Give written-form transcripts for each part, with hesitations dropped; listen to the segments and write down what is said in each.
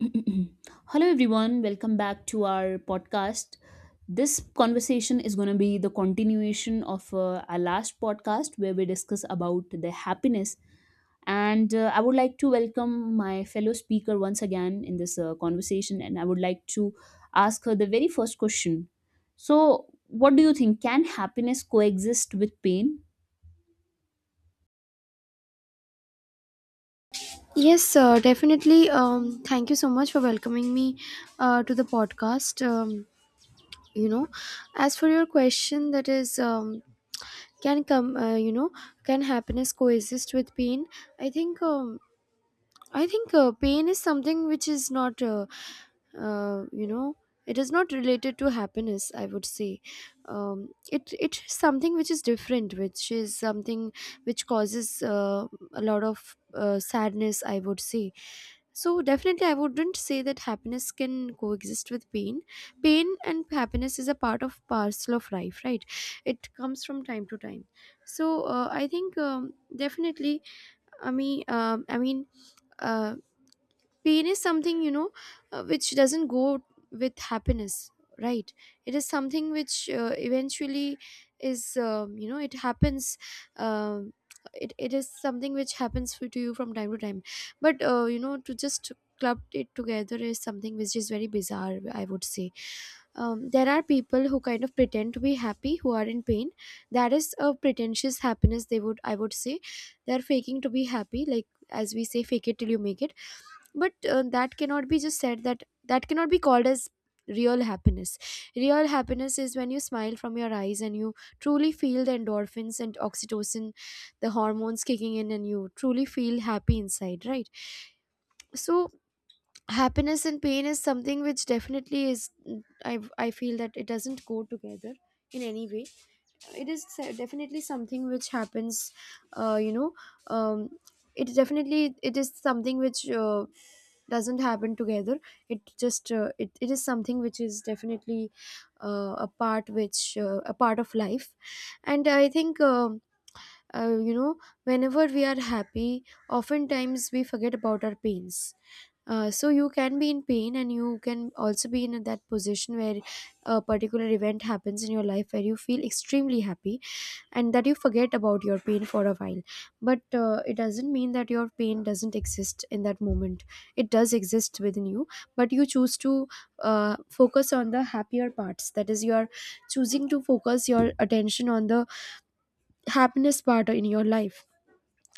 Hello, everyone. Welcome back to our podcast. This conversation is going to be the continuation of our last podcast where we discuss about the happiness. And I would like to welcome my fellow speaker once again in this conversation. And I would like to ask her the very first question. So, what do you think? Can happiness coexist with pain? Yes, sir, definitely. Thank you so much for welcoming me to the podcast. You know, as for your question, that is, can can happiness coexist with pain? I think um, I think pain is something which is not, you know, it is not related to happiness, I would say. It is something which is different, which is something which causes a lot of sadness, I would say. So definitely, I wouldn't say that happiness can coexist with pain. Pain and happiness is a part of parcel of life, right? It comes from time to time. I think Definitely, I mean, um, I mean. Uh, pain is something, which doesn't go with happiness, right? It is something which, eventually, is you know it happens. um, it is something which happens to you from time to time, but, to just club it together is something which is very bizarre, I would say. There are people who kind of pretend to be happy who are in pain. That is a pretentious happiness, they would I would say. They're faking to be happy, like as we say, fake it till you make it. But that cannot be just said, that cannot be called as real happiness. Real happiness is when you smile from your eyes and you truly feel the endorphins and oxytocin, the hormones kicking in, and you truly feel happy inside, right? So happiness and pain is something which definitely is, I feel that it doesn't go together in any way. It is definitely something which happens. uh, you know um, it is something which doesn't happen together. It is something which is definitely a part, which a part of life. And i think um uh, you know whenever we are happy, oftentimes we forget about our pains. So you can be in pain and you can also be in that position where a particular event happens in your life where you feel extremely happy, and that you forget about your pain for a while. But it doesn't mean that your pain doesn't exist in that moment. It does exist within you, but you choose to focus on the happier parts. That is, you are choosing to focus your attention on the happiness part in your life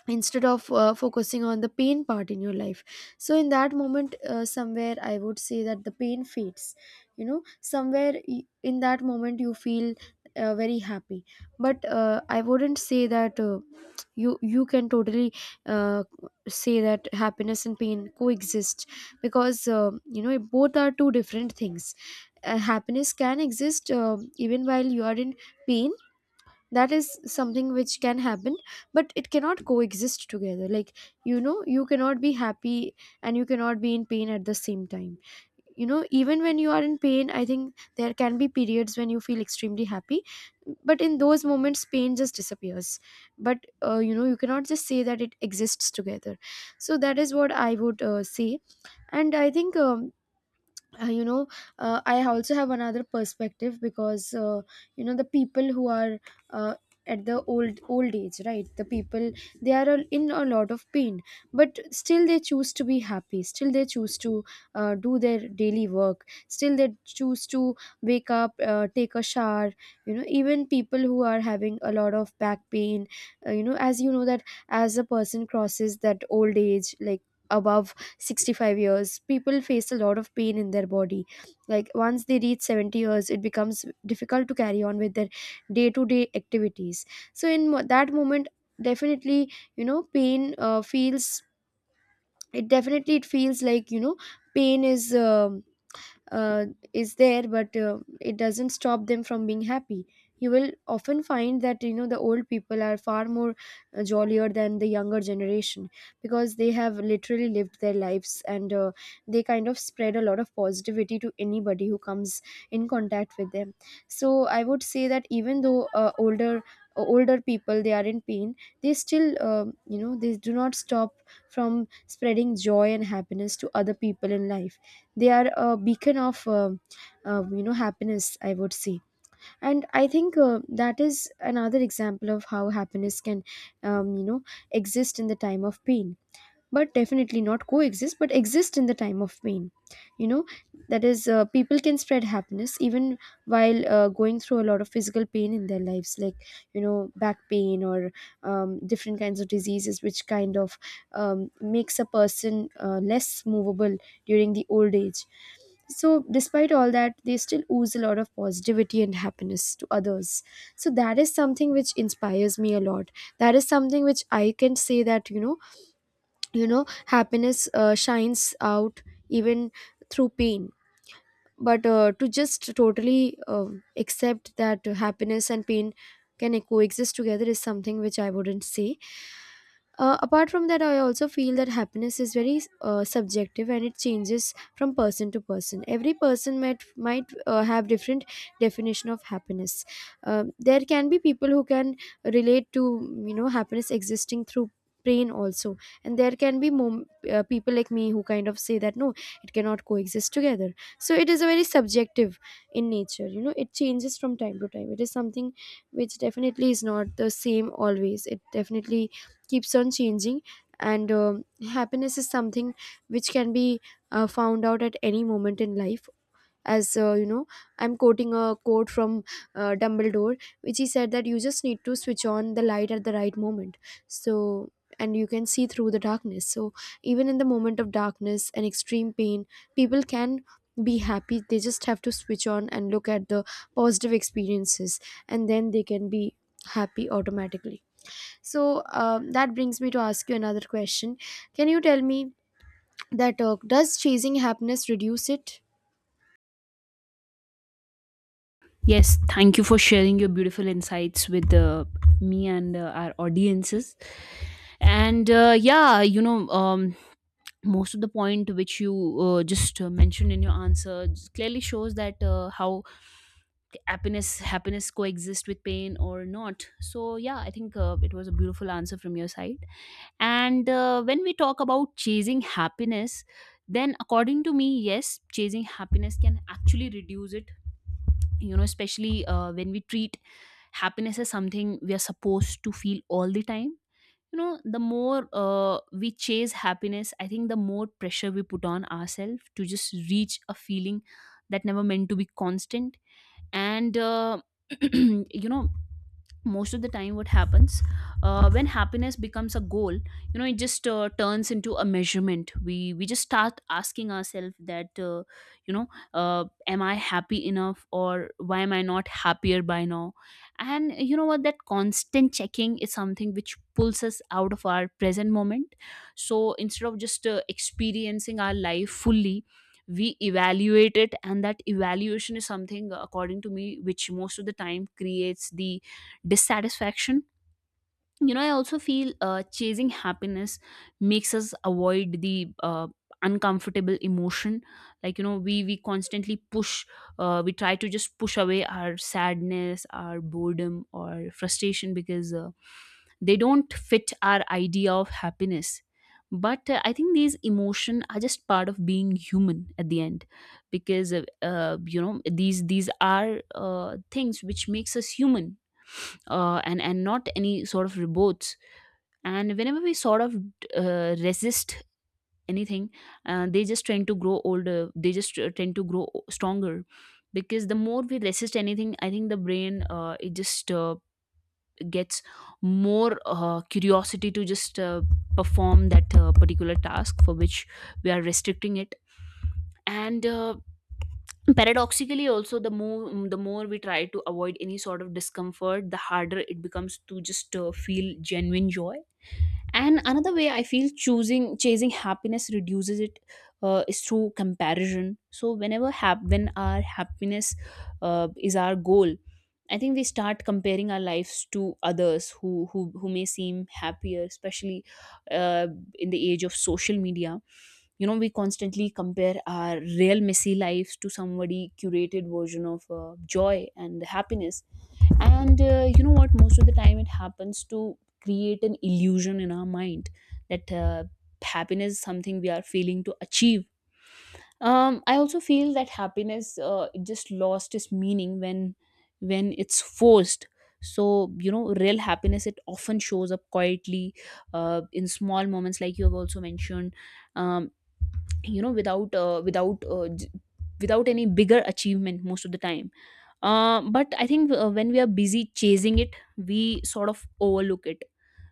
instead of focusing on the pain part in your life. So in that moment, somewhere I would say that the pain fades. You know, somewhere, in that moment, you feel very happy. But I wouldn't say that you can totally uh, say that happiness and pain coexist, because both are two different things. Happiness can exist even while you are in pain. That is something which can happen, but it cannot coexist together. Like, you know, you cannot be happy and you cannot be in pain at the same time. You know, even when you are in pain, I think there can be periods when you feel extremely happy, but in those moments pain just disappears. But, you cannot just say that it exists together. So that is what I would say. And i think um, uh, you know uh, I also have another perspective, because, the people who are uh, at the old age, right, the people, they are all in a lot of pain, but still they choose to be happy. Still they choose to do their daily work. Still they choose to wake up, take a shower. You know, even people who are having a lot of back pain, as you know that, as a person crosses that old age, like, above 65 years, people face a lot of pain in their body. Like, once they reach 70 years, it becomes difficult to carry on with their day to day activities. So that moment, definitely, you know, pain feels, it feels like, you know, pain uh, is there, but it doesn't stop them from being happy. You will often find that, you know, the old people are far more jollier than the younger generation, because they have literally lived their lives, and they kind of spread a lot of positivity to anybody who comes in contact with them. So I would say that, even though, older people, they are in pain, they still, they do not stop from spreading joy and happiness to other people in life. They are a beacon of happiness, I would say. And I think that is another example of how happiness can um, you know exist in the time of pain. But definitely not coexist, but exist in the time of pain. You know, that is, people can spread happiness even while going through a lot of physical pain in their lives, like, you know, back pain, or different kinds of diseases which kind of um, makes a person less movable during the old age. So despite all that, they still ooze a lot of positivity and happiness to others. So that is something which inspires me a lot. That is something which I can say that, you know, happiness shines out even through pain. But to just totally accept that happiness and pain can coexist together is something which I wouldn't say. Apart from that, I also feel that happiness is very subjective, and it changes from person to person. Every person might have different definition of happiness. There can be people who can relate to, you know, happiness existing through pain also, and there can be people like me who kind of say that no, it cannot coexist together. So it is a very subjective in nature. You know, it changes from time to time. It is something which definitely is not the same always. It definitely keeps on changing. And happiness is something which can be found out at any moment in life. As, I'm quoting a quote from Dumbledore, which he said that you just need to switch on the light at the right moment. So, and you can see through the darkness. So even in the moment of darkness and extreme pain, people can be happy. They just have to switch on and look at the positive experiences, and then they can be happy automatically. So that brings me to ask you another question. Can you tell me that does chasing happiness reduce it? Yes, thank you for sharing your beautiful insights with me and our audiences. And yeah, you know, Most of the point which you just mentioned in your answer just clearly shows that how happiness coexist with pain or not. So yeah, I think it was a beautiful answer from your side. And when we talk about chasing happiness, then according to me, yes, chasing happiness can actually reduce it, you know, especially when we treat happiness as something we are supposed to feel all the time. You know, the more we chase happiness, I think the more pressure we put on ourselves to just reach a feeling that never meant to be constant. And you know, most of the time what happens when happiness becomes a goal, you know, it just turns into a measurement. We just start asking ourselves that, you know am I happy enough, or why am I not happier by now? And you know what, that constant checking is something which pulls us out of our present moment. So instead of just experiencing our life fully, we evaluate it, and that evaluation is something, according to me, which most of the time creates the dissatisfaction. You know, I also feel chasing happiness makes us avoid the uncomfortable emotion. Like, you know, we constantly push, we try to just push away our sadness, our boredom, or frustration, because they don't fit our idea of happiness. But I think these emotion are just part of being human at the end. Because uh, uh, you know these are things which makes us human, and not any sort of reports. And whenever we sort of resist anything, they just tend to grow older. They just tend to grow stronger, because the more we resist anything, I think the brain it just gets more curiosity to just perform that particular task for which we are restricting it. And paradoxically, also, the more we try to avoid any sort of discomfort, the harder it becomes to just feel genuine joy. And another way I feel choosing chasing happiness reduces it is through comparison. So whenever when our happiness is our goal, I think we start comparing our lives to others who may seem happier, especially uh, in the age of social media. You know, we constantly compare our real messy lives to somebody curated version of joy and happiness. And you know what, most of the time it happens to create an illusion in our mind that happiness is something we are failing to achieve. I also feel that happiness, it just lost its meaning when it's forced. So, you know, real happiness, it often shows up quietly in small moments, like you have also mentioned. um, you know, without any bigger achievement most of the time. But I think when we are busy chasing it, we sort of overlook it.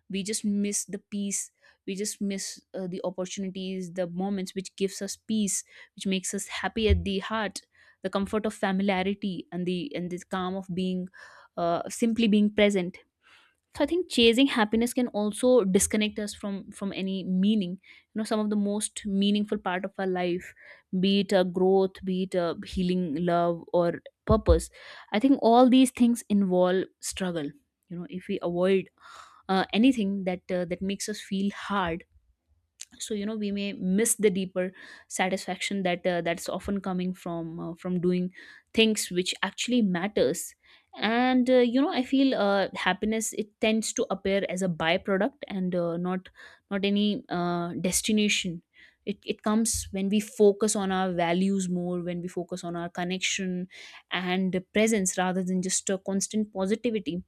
We just miss the peace. We just miss the opportunities, the moments which gives us peace, which makes us happy at the heart, the comfort of familiarity, and the calm of being, simply being present. So I think chasing happiness can also disconnect us from any meaning. You know, some of the most meaningful part of our life, be it a growth, be it a healing, love, or purpose. I think all these things involve struggle. You know, if we avoid anything that makes us feel hard, so, you know, we may miss the deeper satisfaction that that's often coming from doing things which actually matters. And you know, I feel happiness, it tends to appear as a byproduct and not not any destination. It comes when we focus on our values more, when we focus on our connection and presence, rather than just a constant positivity.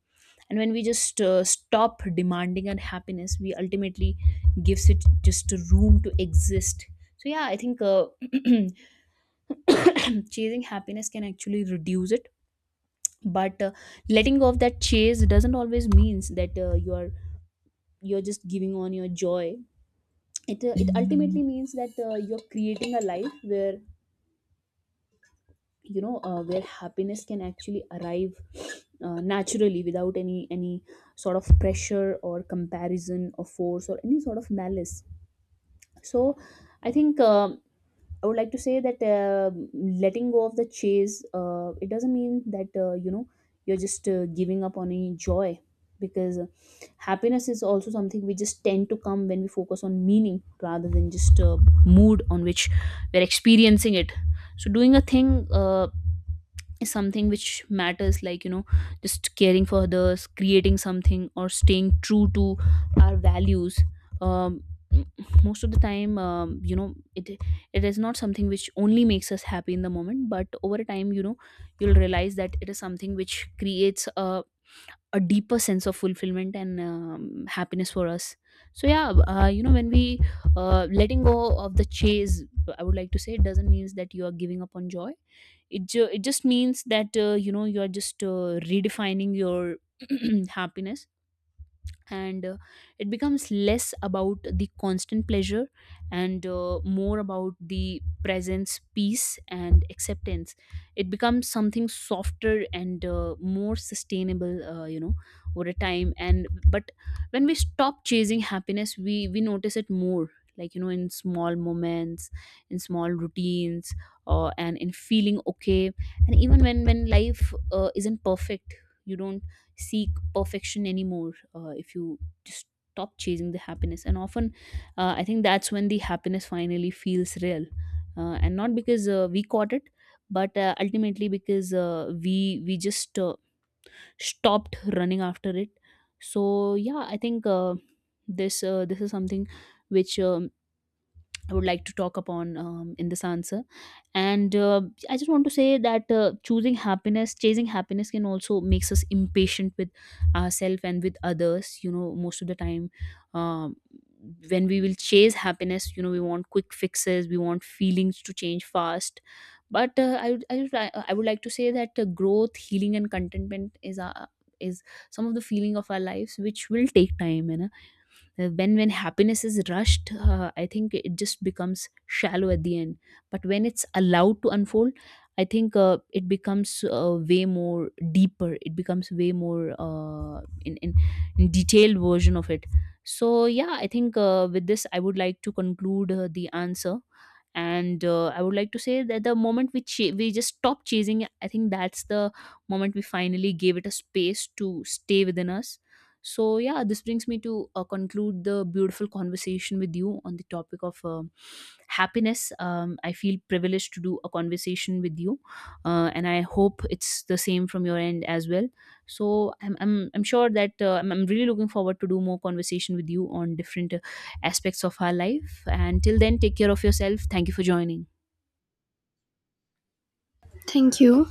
And when we just stop demanding our happiness, we ultimately gives it just a room to exist. So yeah, I think chasing happiness can actually reduce it. But letting go of that chase doesn't always means that you're just giving on your joy. It, it ultimately means that you're creating a life where, you know, where happiness can actually arrive naturally, without any sort of pressure or comparison or force or any sort of malice. So I think I would like to say that letting go of the chase, it doesn't mean that, you know, you're just giving up on any joy, because happiness is also something we just tend to come when we focus on meaning, rather than just mood on which we're experiencing it. So doing a thing is something which matters, like, you know, just caring for others, creating something, or staying true to our values. um, m- most of the time, you know, it is not something which only makes us happy in the moment, but over a time, you know, you'll realize that it is something which creates a deeper sense of fulfillment and, happiness for us. So yeah, you know, when we letting go of the chase, I would like to say it doesn't mean that you are giving up on joy. It just means that, you know, you are just redefining your happiness. And it becomes less about the constant pleasure, and more about the presence, peace, and acceptance. It becomes something softer and more sustainable, you know, over a time. And but when we stop chasing happiness, we notice it more, like, you know, in small moments, in small routines, and in feeling okay. And even when life isn't perfect, you don't seek perfection anymore, if you just stop chasing the happiness. And often, I think that's when the happiness finally feels real, and not because we caught it, but ultimately because we just stopped running after it. So yeah, I think this is something which, I would like to talk upon in this answer. And I just want to say that chasing happiness can also makes us impatient with ourselves and with others. You know, most of the time, um, when we will chase happiness, you know, we want quick fixes, we want feelings to change fast. But I would like to say that growth, healing, and contentment is our, is some of the feeling of our lives which will take time. You know? When happiness is rushed, I think it just becomes shallow at the end. But when it's allowed to unfold, I think it becomes way more deeper. It becomes way more in detailed version of it. So yeah, I think with this I would like to conclude the answer. And I would like to say that the moment we just stop chasing, I think that's the moment we finally gave it a space to stay within us. So, yeah, this brings me to conclude the beautiful conversation with you on the topic of happiness. I feel privileged to do a conversation with you, and I hope it's the same from your end as well. So, I'm sure that I'm really looking forward to do more conversation with you on different aspects of our life. And till then, take care of yourself. Thank you for joining. Thank you.